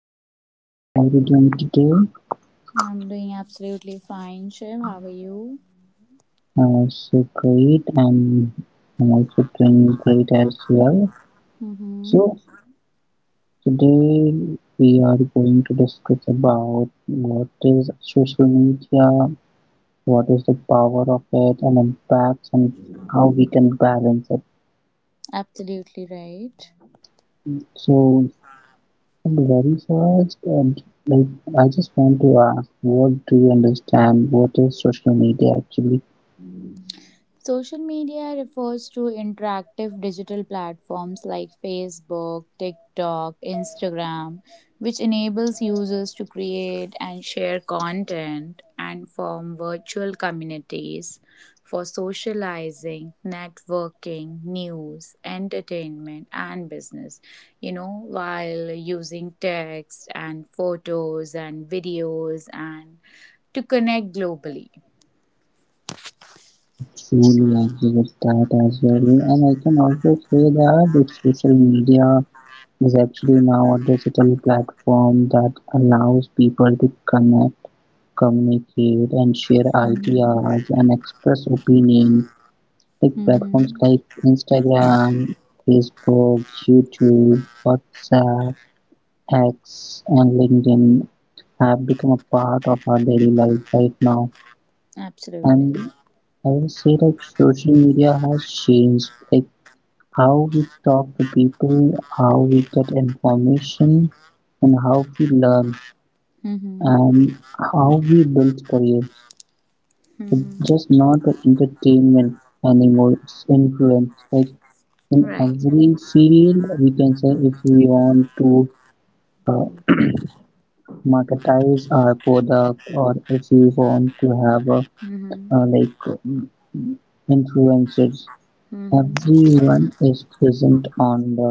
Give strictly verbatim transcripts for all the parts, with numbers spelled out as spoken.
evening. How are you doing today? I'm doing absolutely fine, Shiv. How are you? Uh, so great, and I'm also doing great as well. Mm-hmm. So today we are going to discuss about what is social media, what is the power of it, and impacts, and how we can balance it. Absolutely right. So very first, uh, like I just want to ask, what do you understand? What is social media actually? Social media refers to interactive digital platforms like Facebook, TikTok, Instagram, which enables users to create and share content and form virtual communities for socializing, networking, news, entertainment, and business. You know, while using text and photos and videos and to connect globally. Truly agree with that as well. And I can also say that the social media is actually now a digital platform that allows people to connect, communicate, and share Mhm. ideas and express opinion. Like platforms Mhm. like Instagram, Facebook, YouTube, WhatsApp, X, and LinkedIn have become a part of our daily life right now. Absolutely. And I will say like social media has changed like how we talk to people, how we get information, and how we learn, Mm-hmm. and how we build career. Hmm. Just not the entertainment anymore, it's influence. Like in Right. every field, we can say if we want to uh, marketize our product, or if we want to have a Mm-hmm. uh, like um, influencers, Mm-hmm. everyone is present on the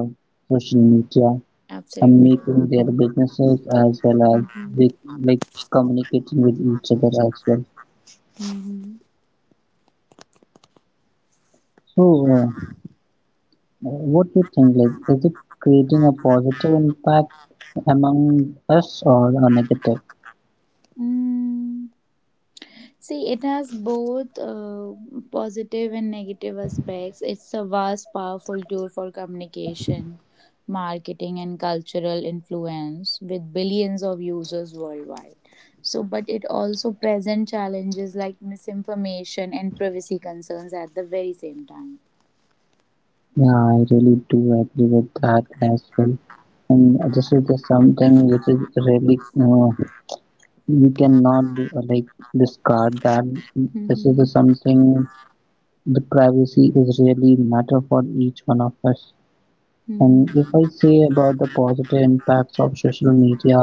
social media and Absolutely. making their businesses as well as Mm-hmm. they like communicating with each other as well. Mm-hmm. So, uh, what do you think? Like, is it creating a positive impact among us or a negative? Mm. See, it has both uh, positive and negative aspects. It's a vast, powerful tool for communication, marketing, and cultural influence with billions of users worldwide. So, but it also presents challenges like misinformation and privacy concerns at the very same time. Yeah, I really do agree with that as well. And this is just something which is really uh, we cannot uh, like discard that. This is the Mm-hmm. something the privacy is really matter for each one of us. Mm-hmm. And if I say about the positive impacts of social media,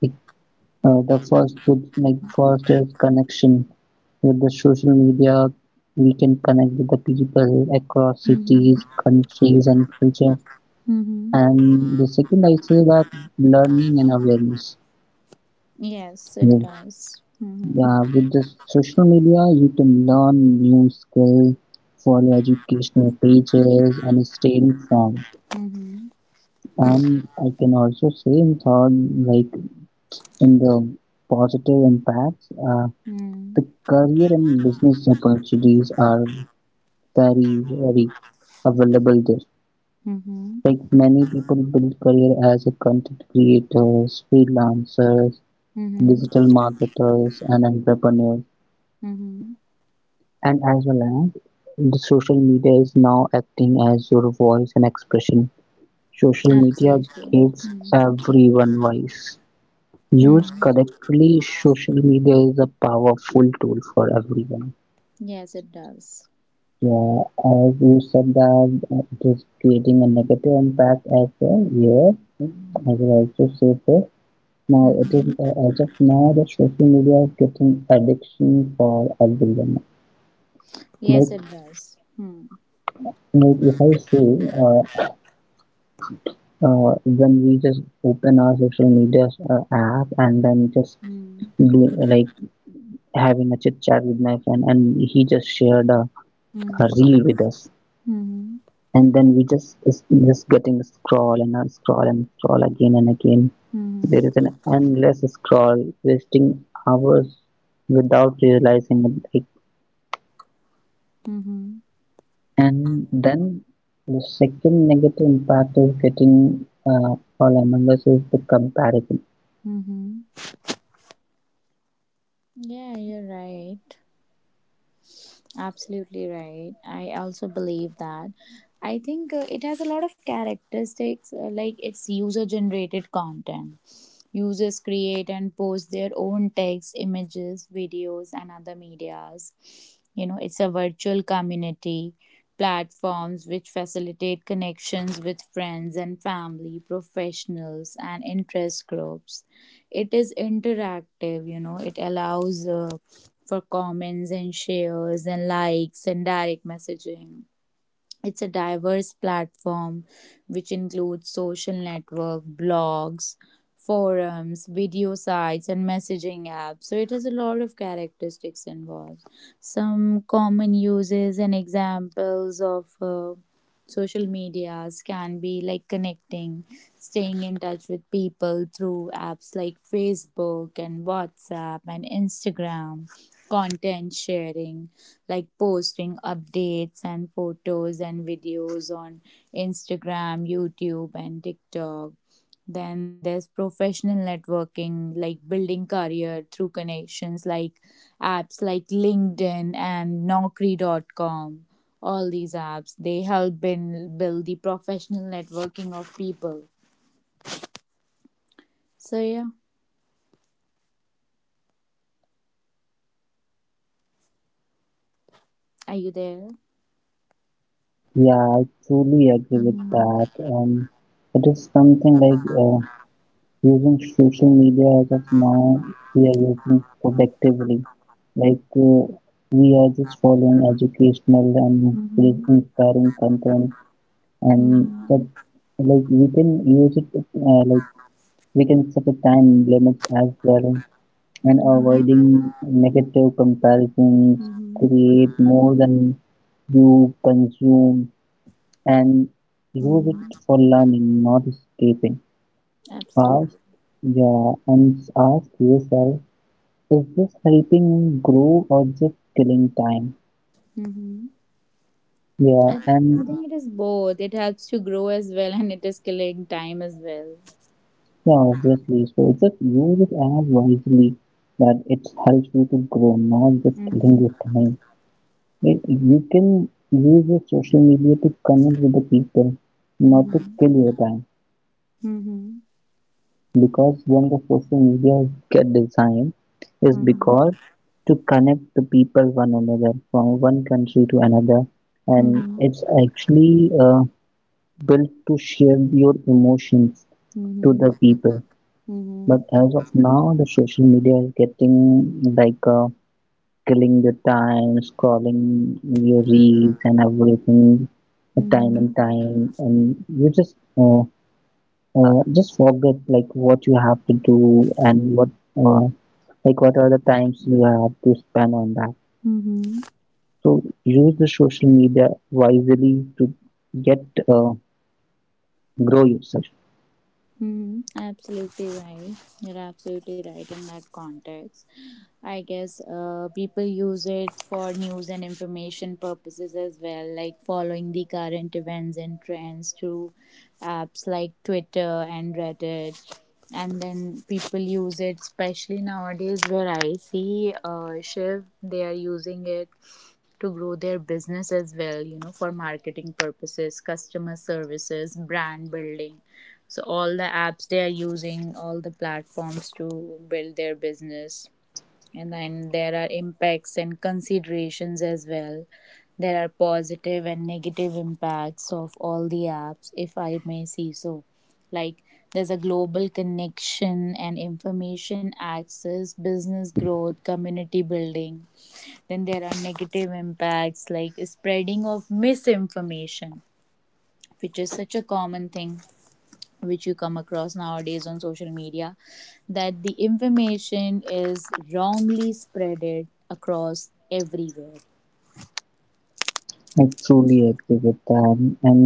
like, uh, the first good, like first is connection. With the social media, we can connect with the people across Mm-hmm. cities, countries, and culture. Mm-hmm. And the second, I say that learning and awareness. Yes, it Yeah. does. Mm-hmm. Yeah, with the social media, you can learn new skills, follow educational pages, and stay informed. Mm-hmm. And I can also say in third, like in the positive impacts, uh, Mm-hmm. the career and business opportunities are very, very available there. Mm-hmm. Like many people build career as a content creators, freelancers, Mm-hmm. digital marketers, and entrepreneurs. Mm-hmm. And as well as the social media is now acting as your voice and expression. Social media Absolutely. gives Mm-hmm. everyone voice. Used Mm-hmm. correctly, social media is a powerful tool for everyone. Yes, it does. Yeah, as you said that uh, it is creating a negative impact as well. Yes, I will also say this. Now it is Mm-hmm. uh, as of now the social media is getting addiction for everyone. Yes, Like it does. Hmm. like if I say uh, uh, when we just open our social media uh, app and then just Hmm. do like having a chit chat with my friend and he just shared a, a Hmm. reel with us Hmm. and then we just is just getting scroll and unscroll and scroll again and again, there Hmm. is an endless scroll wasting hours without realizing it. Like, Hmm. and then the second negative impact is getting uh, all among us is the comparison. Hmm. Yeah, you're right. Absolutely right. I also believe that. I think uh, it has a lot of characteristics, uh, like it's user generated content. Users create and post their own text, images, videos, and other medias. You know, it's a virtual community platforms which facilitate connections with friends and family, professionals, and interest groups. It is interactive, you know, it allows uh, for comments and shares and likes and direct messaging. It's a diverse platform which includes social network, blogs, forums, video sites, and messaging apps. So it has a lot of characteristics involved. Some common uses and examples of uh, social medias can be like connecting, staying in touch with people through apps like Facebook and WhatsApp and Instagram, content sharing like posting updates and photos and videos on Instagram, YouTube, and TikTok. Then there's professional networking, like building career through connections, like apps like LinkedIn and Naukri dot com. All these apps they help in build the professional networking of people. So yeah, are you there? Yeah, I truly agree with Mhm. that. Um, it is something like uh, using social media as of now, we are using productively. Like uh, we are just following educational and really Mhm. inspiring content, and that Mhm. like we can use it uh, like we can set a time limit as well, and Mhm. avoiding negative comparisons. Mhm. Create more than you consume, and use it Mhm. for learning, not escaping. Ask, Absolutely. yeah, and ask yourself, is this helping me grow or just killing time? Mm-hmm. Yeah, I, I and think it is both. It helps to grow as well, and it is killing time as well. yeah, obviously. So just use it as wisely that it helps you to grow, not just killing Mm-hmm. your time. It, you can use your social media to connect with the people, not to Mm-hmm. kill your time. Mm-hmm. Because when the social media get designed is Mm-hmm. because to connect the people one another from one country to another, and Mm-hmm. it's actually uh, built to share your emotions to the Mm-hmm. people. But Mm-hmm. as of now the social media is getting like uh, killing the time scrolling your reels and everything, uh, time and Mm-hmm. time, and you just uh, uh, just forget like what you have to do, and what uh, like what are the times you have to spend on that. Mm-hmm. So use the social media wisely to get uh, grow yourself. Mm-hmm. Absolutely right. You're absolutely right in that context. I guess uh, people use it for news and information purposes as well, like following the current events and trends through apps like Twitter and Reddit. And then people use it, especially nowadays where I see uh, Shiv, they are using it to grow their business as well, you know, for marketing purposes, customer services, brand building. So, all the apps they are using, all the platforms to build their business, and then there are impacts and considerations as well. There are positive and negative impacts of all the apps, if I may say so. Like, there's a global connection and information access, business growth, community building. Then there are negative impacts like spreading of misinformation, which is such a common thing which you come across nowadays on social media, that the information is wrongly spreaded across everywhere. I truly agree with that, and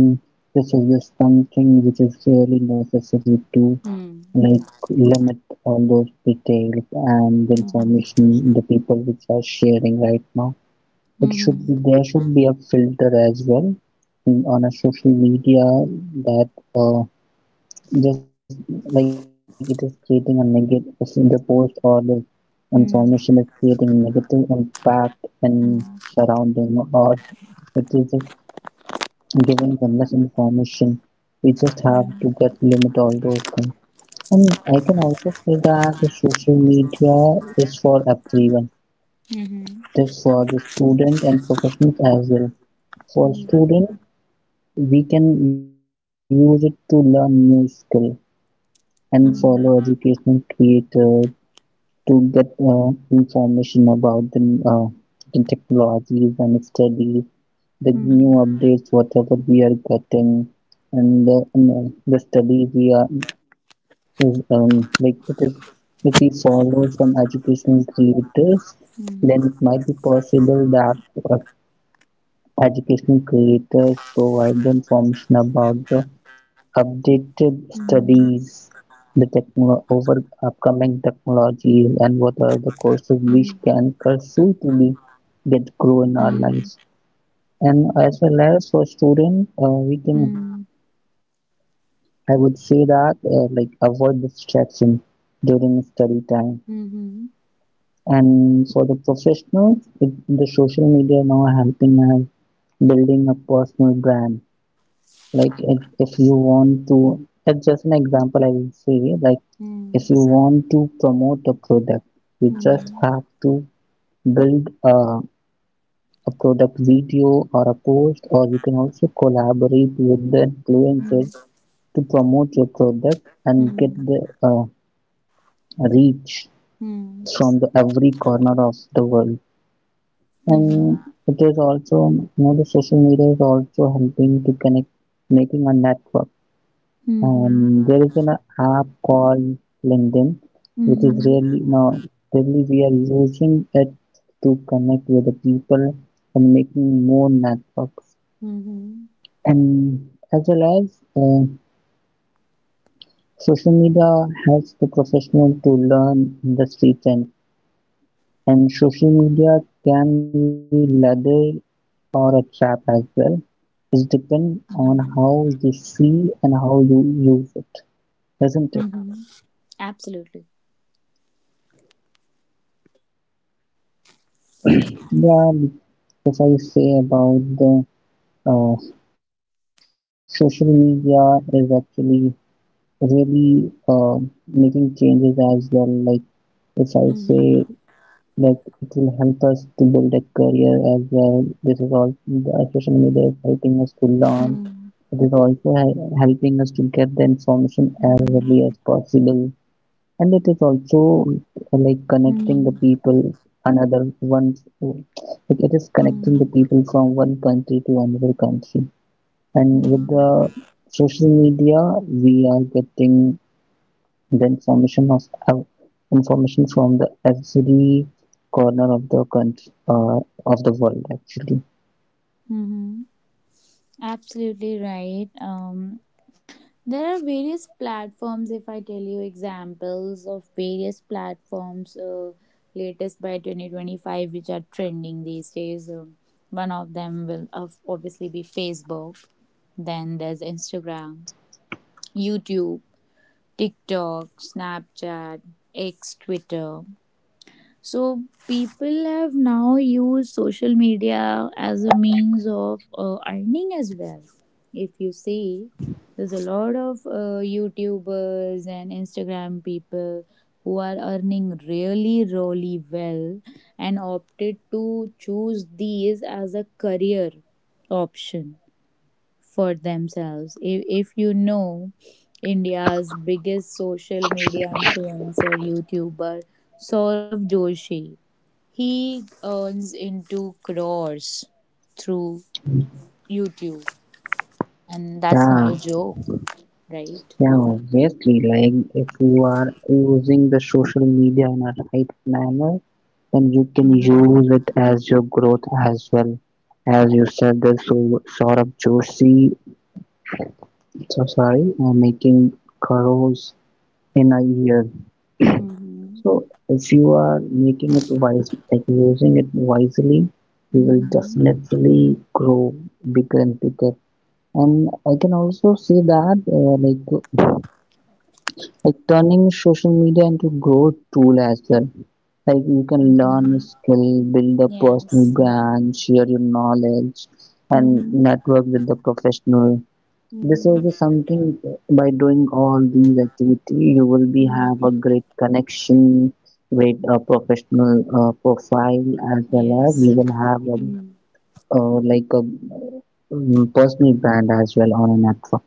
this is just something which is really necessary to Hmm. like limit all those details and Mm-hmm. information the people which are sharing right now. It should be Mm-hmm. There should be a filter as well in, on a social media that uh, just like it is creating a negative, the post or the information is Hmm. creating negative impact and Hmm. surrounding, or it is just giving endless information. We just have to Hmm. get limit all those things. And I can also say that the social media is for everyone. Mhm. This for the student and professionals as well. For student, we can use it to learn new skill and follow educational creator to get uh, information about the, uh, the technologies and studies, the new updates whatever we are getting. And the, and, uh, the study we are is um, like it is if we follow some educational creators, then it might be possible that uh, educational creators provide the information about the updated studies, the techno- over upcoming technologies, and what are the courses we can pursue to be get grow in our lives. Hmm. Mhm. Mhm. Mhm. And Mhm. as well as for student, uh, we can, I would say that uh, like avoid distraction during study time. And for the professionals, it, the social media now helping us building a personal brand. Like if, if you want to, as just an example I will say, like if you want to promote a product, you just have to build a, a product video or a post, or you can also collaborate with the influencer to promote your product and get the Hmm. Hmm. uh, Hmm. Mhm. Hmm. Hmm. Hmm. Hmm. reach from the Hmm. every corner of the world. And it is Mhm. also, you know, the social media is also helping to connect, making a network. Um, Mhm. there is an Mhm. app called LinkedIn, which is really now really we are using it to connect with the people and making more networks. And as well as uh, social media helps the professional to learn industry trends. And social media can be ladder or a trap as well. It depends on Mhm. how you Mhm. see and how you use it, not it? Mm-hmm. Absolutely. Yeah, if I say about the uh, social media is actually really uh, making changes as well. Like if I say Mm-hmm. that it will help us to build a career as well. This is all the social media is helping us to learn. It is also hel- helping us to get the information as early as Mm-hmm. possible. And it is also uh, like connecting the Mm-hmm. people another one, like it is connecting the people from one country to another country. And with the Mm-hmm. social media we are getting the information of uh, information from the every corner of the country, uh, of the world actually. Mm-hmm. Absolutely right. Um, there are various platforms. If I tell you examples of various platforms, uh, latest by twenty twenty five, which are trending these days. Um, one of them will of obviously be Facebook. Then there's Instagram, YouTube, TikTok, Snapchat, X, Twitter. So people have now used social media as a means of uh, earning as well. If you see, there's a lot of uh, YouTubers and Instagram people who are earning really, really well and opted to choose these as a career option for themselves. If, if you know, India's biggest social media influencer, YouTuber, Saurabh Joshi, he earns into crores through YouTube, and that's not Yeah, a joke, right? yeah, obviously. Like, if you are using the social media in a right manner, then you can Mm-hmm. use it as your growth as well. As you said, the so Saurabh Joshi, so sorry, uh, making crores in a year. Mm-hmm. So if you are making it wise, like using it wisely, you will Mm-hmm. definitely grow bigger and bigger. And I can also say that, uh, like like turning social media into growth tool as well, like you can learn a Mm-hmm. skill, build a personal Yes. brand, share your knowledge, and Mm-hmm. network with the professional. This is Mm-hmm. the something, by doing all these activity you will be have a Mm. great connection with a professional uh, profile, as well as you Yes. will have a Mm-hmm. uh, like a um, personal brand as well on a network.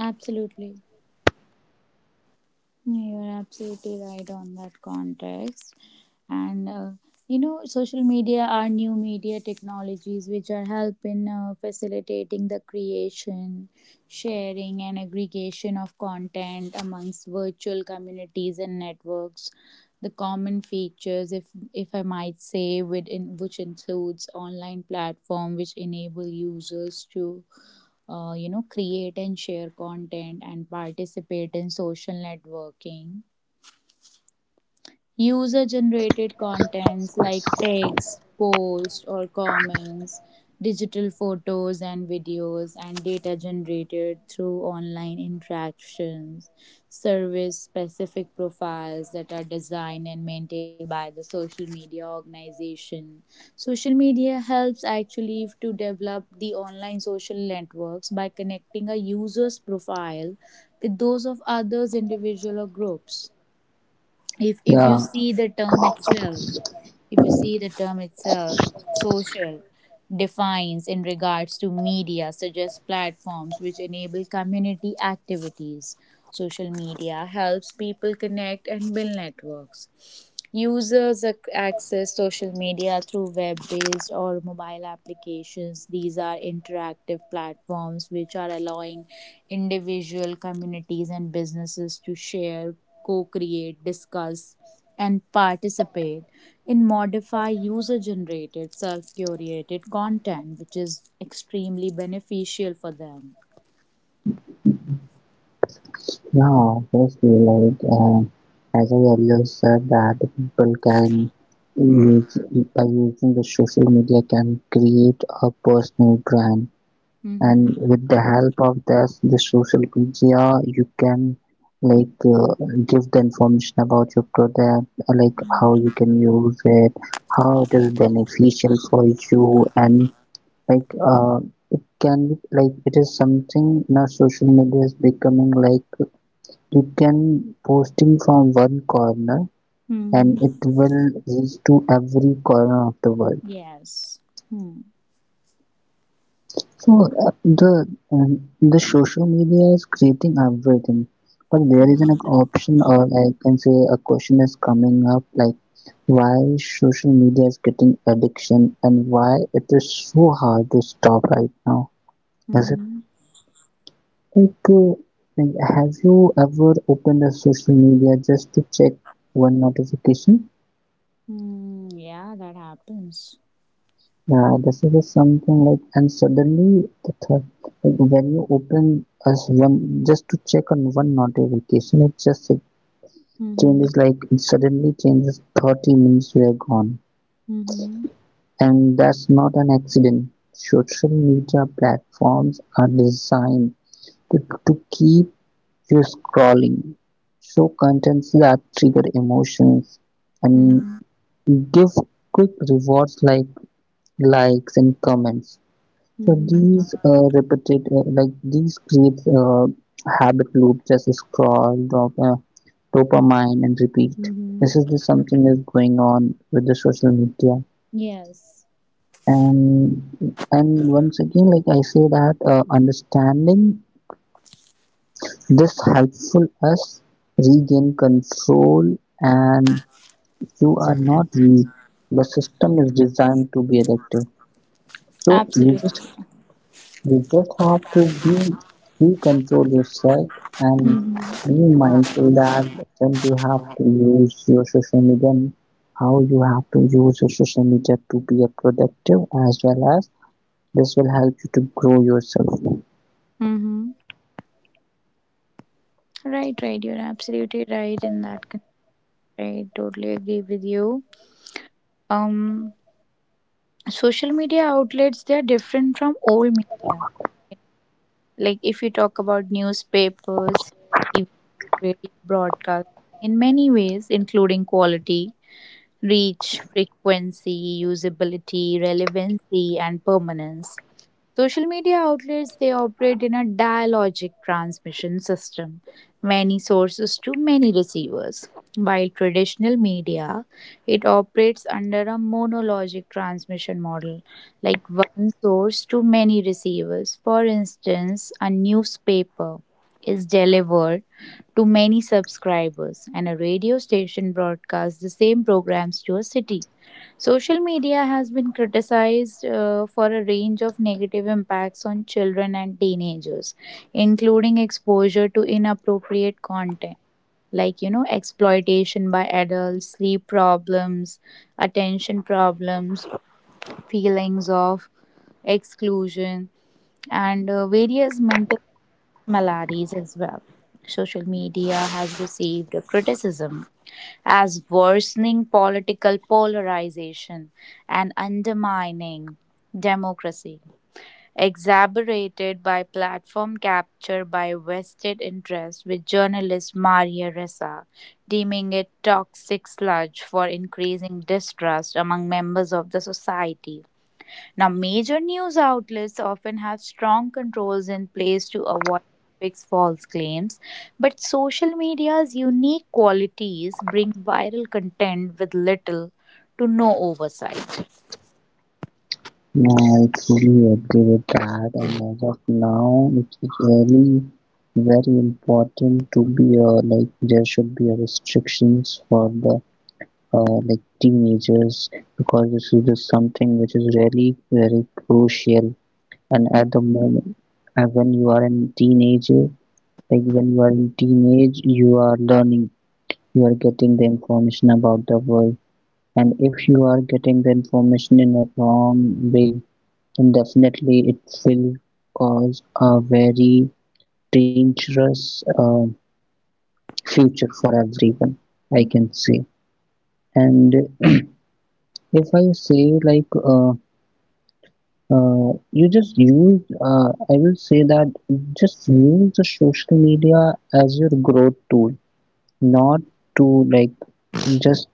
Absolutely. You're absolutely right on that context. And uh, you know, social media are new media technologies which are helping, uh, facilitating the creation, sharing, and aggregation of content amongst virtual communities and networks. The common features, if if I might say within, which includes online platform which enable users to uh, you know, create and share content and participate in social networking. User generated contents like text, posts, or comments, digital photos and videos, and data generated through online interactions, service specific profiles that are designed and maintained by the social media organization. Social media helps actually to develop the online social networks by connecting a user's profile with those of others, individual, or groups. If if you Yeah, see the term itself, if you see the term itself social defines in regards to media suggests platforms which enable community activities. Social media helps people connect and build networks. Users ac- access social media through web based or mobile applications. These are interactive platforms which are allowing individual communities and businesses to share, co create, discuss, and participate in modify user generated, self curated content, which is extremely beneficial for them. yeah, obviously, like uh, as I earlier said that people can use by using the social media can create a personal brand. And Mm-hmm. with the help of this, the social media, you can like uh, give the information about your product, uh, like how you can use it, how it is beneficial for you, and like uh, it can like it is something now social media is becoming like you can posting from one corner, and it Mm-hmm. will reach to every corner of the world. Yes. Hmm. So uh, the um, the social media is creating everything, but there is an Mm-hmm. option, or I can say a question is coming up like why social media is getting addiction and why it is so hard to stop right now. Is it like, uh, like have you ever opened a social media just to check one notification? Mm, yeah, that happens. Yeah, this is something like, and suddenly the third, like when you open as one just to check on one notification, it just it Mm-hmm. changes, like it suddenly changes thirty minutes we are gone, Mm-hmm. and that's not an accident. Social media platforms are designed to, to keep you scrolling, show contents that trigger emotions, and Mm-hmm. give quick rewards like likes and comments. So Mm-hmm. these uh, repeated uh, like these creates a habit loop, just scroll, drop, uh, dopamine, and repeat. This is Mm-hmm. the something is going on with the social media, Yes, and and once again, like I say that uh, understanding this helpful us regain control, and you are not weak. The system is designed to be addictive, so you just absolutely. You just have to be, be control yourself and Mm-hmm. be mindful that when you have to use your social media, and how you have to use your social media to be a productive, as well as this will help you to grow yourself. Mm-hmm. Right, right. You're absolutely right in that. con- I totally agree with you. Um, social media outlets they are different from old media. Like if you talk about newspapers, T V, radio, broadcast, in many ways, including quality, reach, frequency, usability, relevancy, and permanence. Social media outlets they operate in a dialogic transmission system, many sources to many receivers. While traditional media, it operates under a monologic transmission model, like one source to many receivers. For instance, a newspaper is delivered to many subscribers, and a radio station broadcasts the same programs to a city. Social media has been criticized uh, for a range of negative impacts on children and teenagers, including exposure to inappropriate content, like you know, exploitation by adults, sleep problems, attention problems, feelings of exclusion, and uh, various mental maladies as well. Social media has received criticism as worsening political polarization and undermining democracy, exacerbated by platform capture by vested interests, with journalist Maria Ressa deeming it toxic sludge for increasing distrust among members of the society. Now, major news outlets often have strong controls in place to avoid fix false claims, but social media's unique qualities bring viral content with little to no oversight. I truly agree with that, and as of now, it is really very important to be a like there should be a restrictions for the uh, like teenagers, because this is just something which is really very crucial and Mm. at the moment. And when you are in teenager, like when you are in teenage, you are learning, you are getting the information about the world. And if you are getting the information in a wrong way, then definitely it will cause a very dangerous uh, future for everyone, I Mhm. can say. And if I say like uh, Uh, you just use, uh, I will say that you just use the social media as your growth tool, not to like just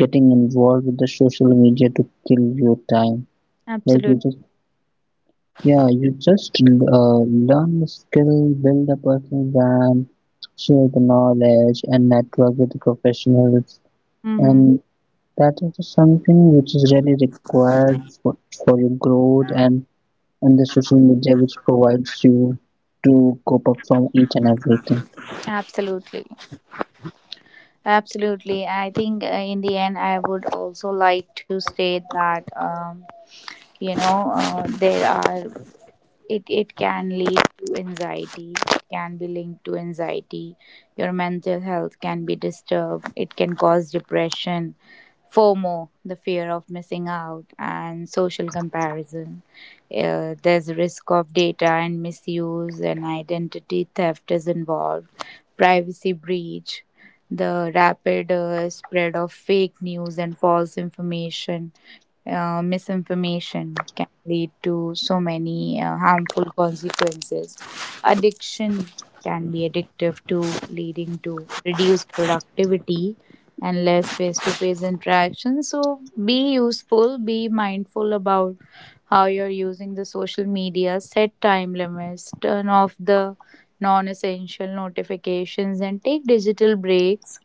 getting involved with the social media to kill your time. Like you Absolute. just, yeah, you just uh, learn the skill, build a personal brand, share the knowledge, and network with the professionals. Mm-hmm. And that is just something which is really required for, for your growth, and and the social media which provides you to cope up from each and everything. Absolutely. Absolutely. I think uh, in the end, I would also like to state that, um, you know, uh, there are it it can lead to anxiety, it can be linked to anxiety, your mental health can be disturbed, it can cause depression, FOMO, the fear of missing out, and social comparison. Uh, there's risk of data and misuse, and identity theft is involved. Privacy breach, the rapid uh, spread of fake news and false information, uh, misinformation can lead to so many uh, harmful consequences. Addiction can be addictive to leading to reduced productivity and less face-to-face interaction. So be useful, be mindful about how you're using the social media, set time limits, turn off the non-essential notifications, and take digital breaks,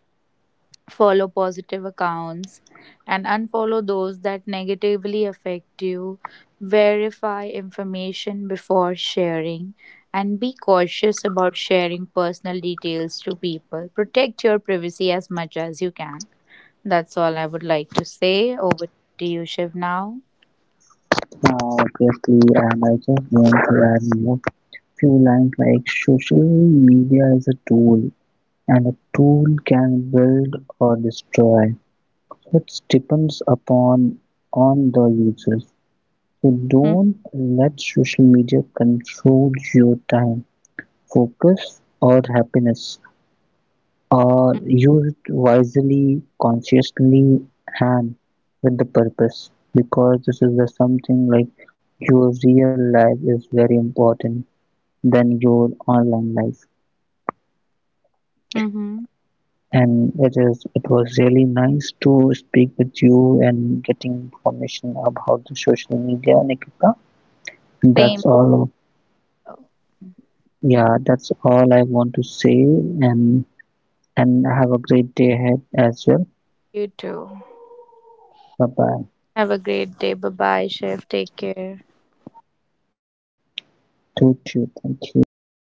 follow positive accounts and unfollow those that negatively affect you. Verify information before sharing and be cautious about sharing personal details to people. Protect your privacy as much as you can. That's all I would like to say. Over to you, Shiv, now. Now, obviously, and I just want to add more few lines, like social media is a tool, and a tool can build or destroy. So, it depends upon on the users. So Mm-hmm. don't let social media control your time, focus, or happiness. Are used wisely, consciously, and with the purpose, because this is the something like your real life is very important than your online life. Mm-hmm. And it is, it was really nice to speak with you and getting information about the social media, Nikita. Same. That's all. Yeah, that's all I want to say, and and have a great day ahead as well. You too. Bye bye. Have a great day. Bye bye, Shiv. Take care. Thank you, thank you.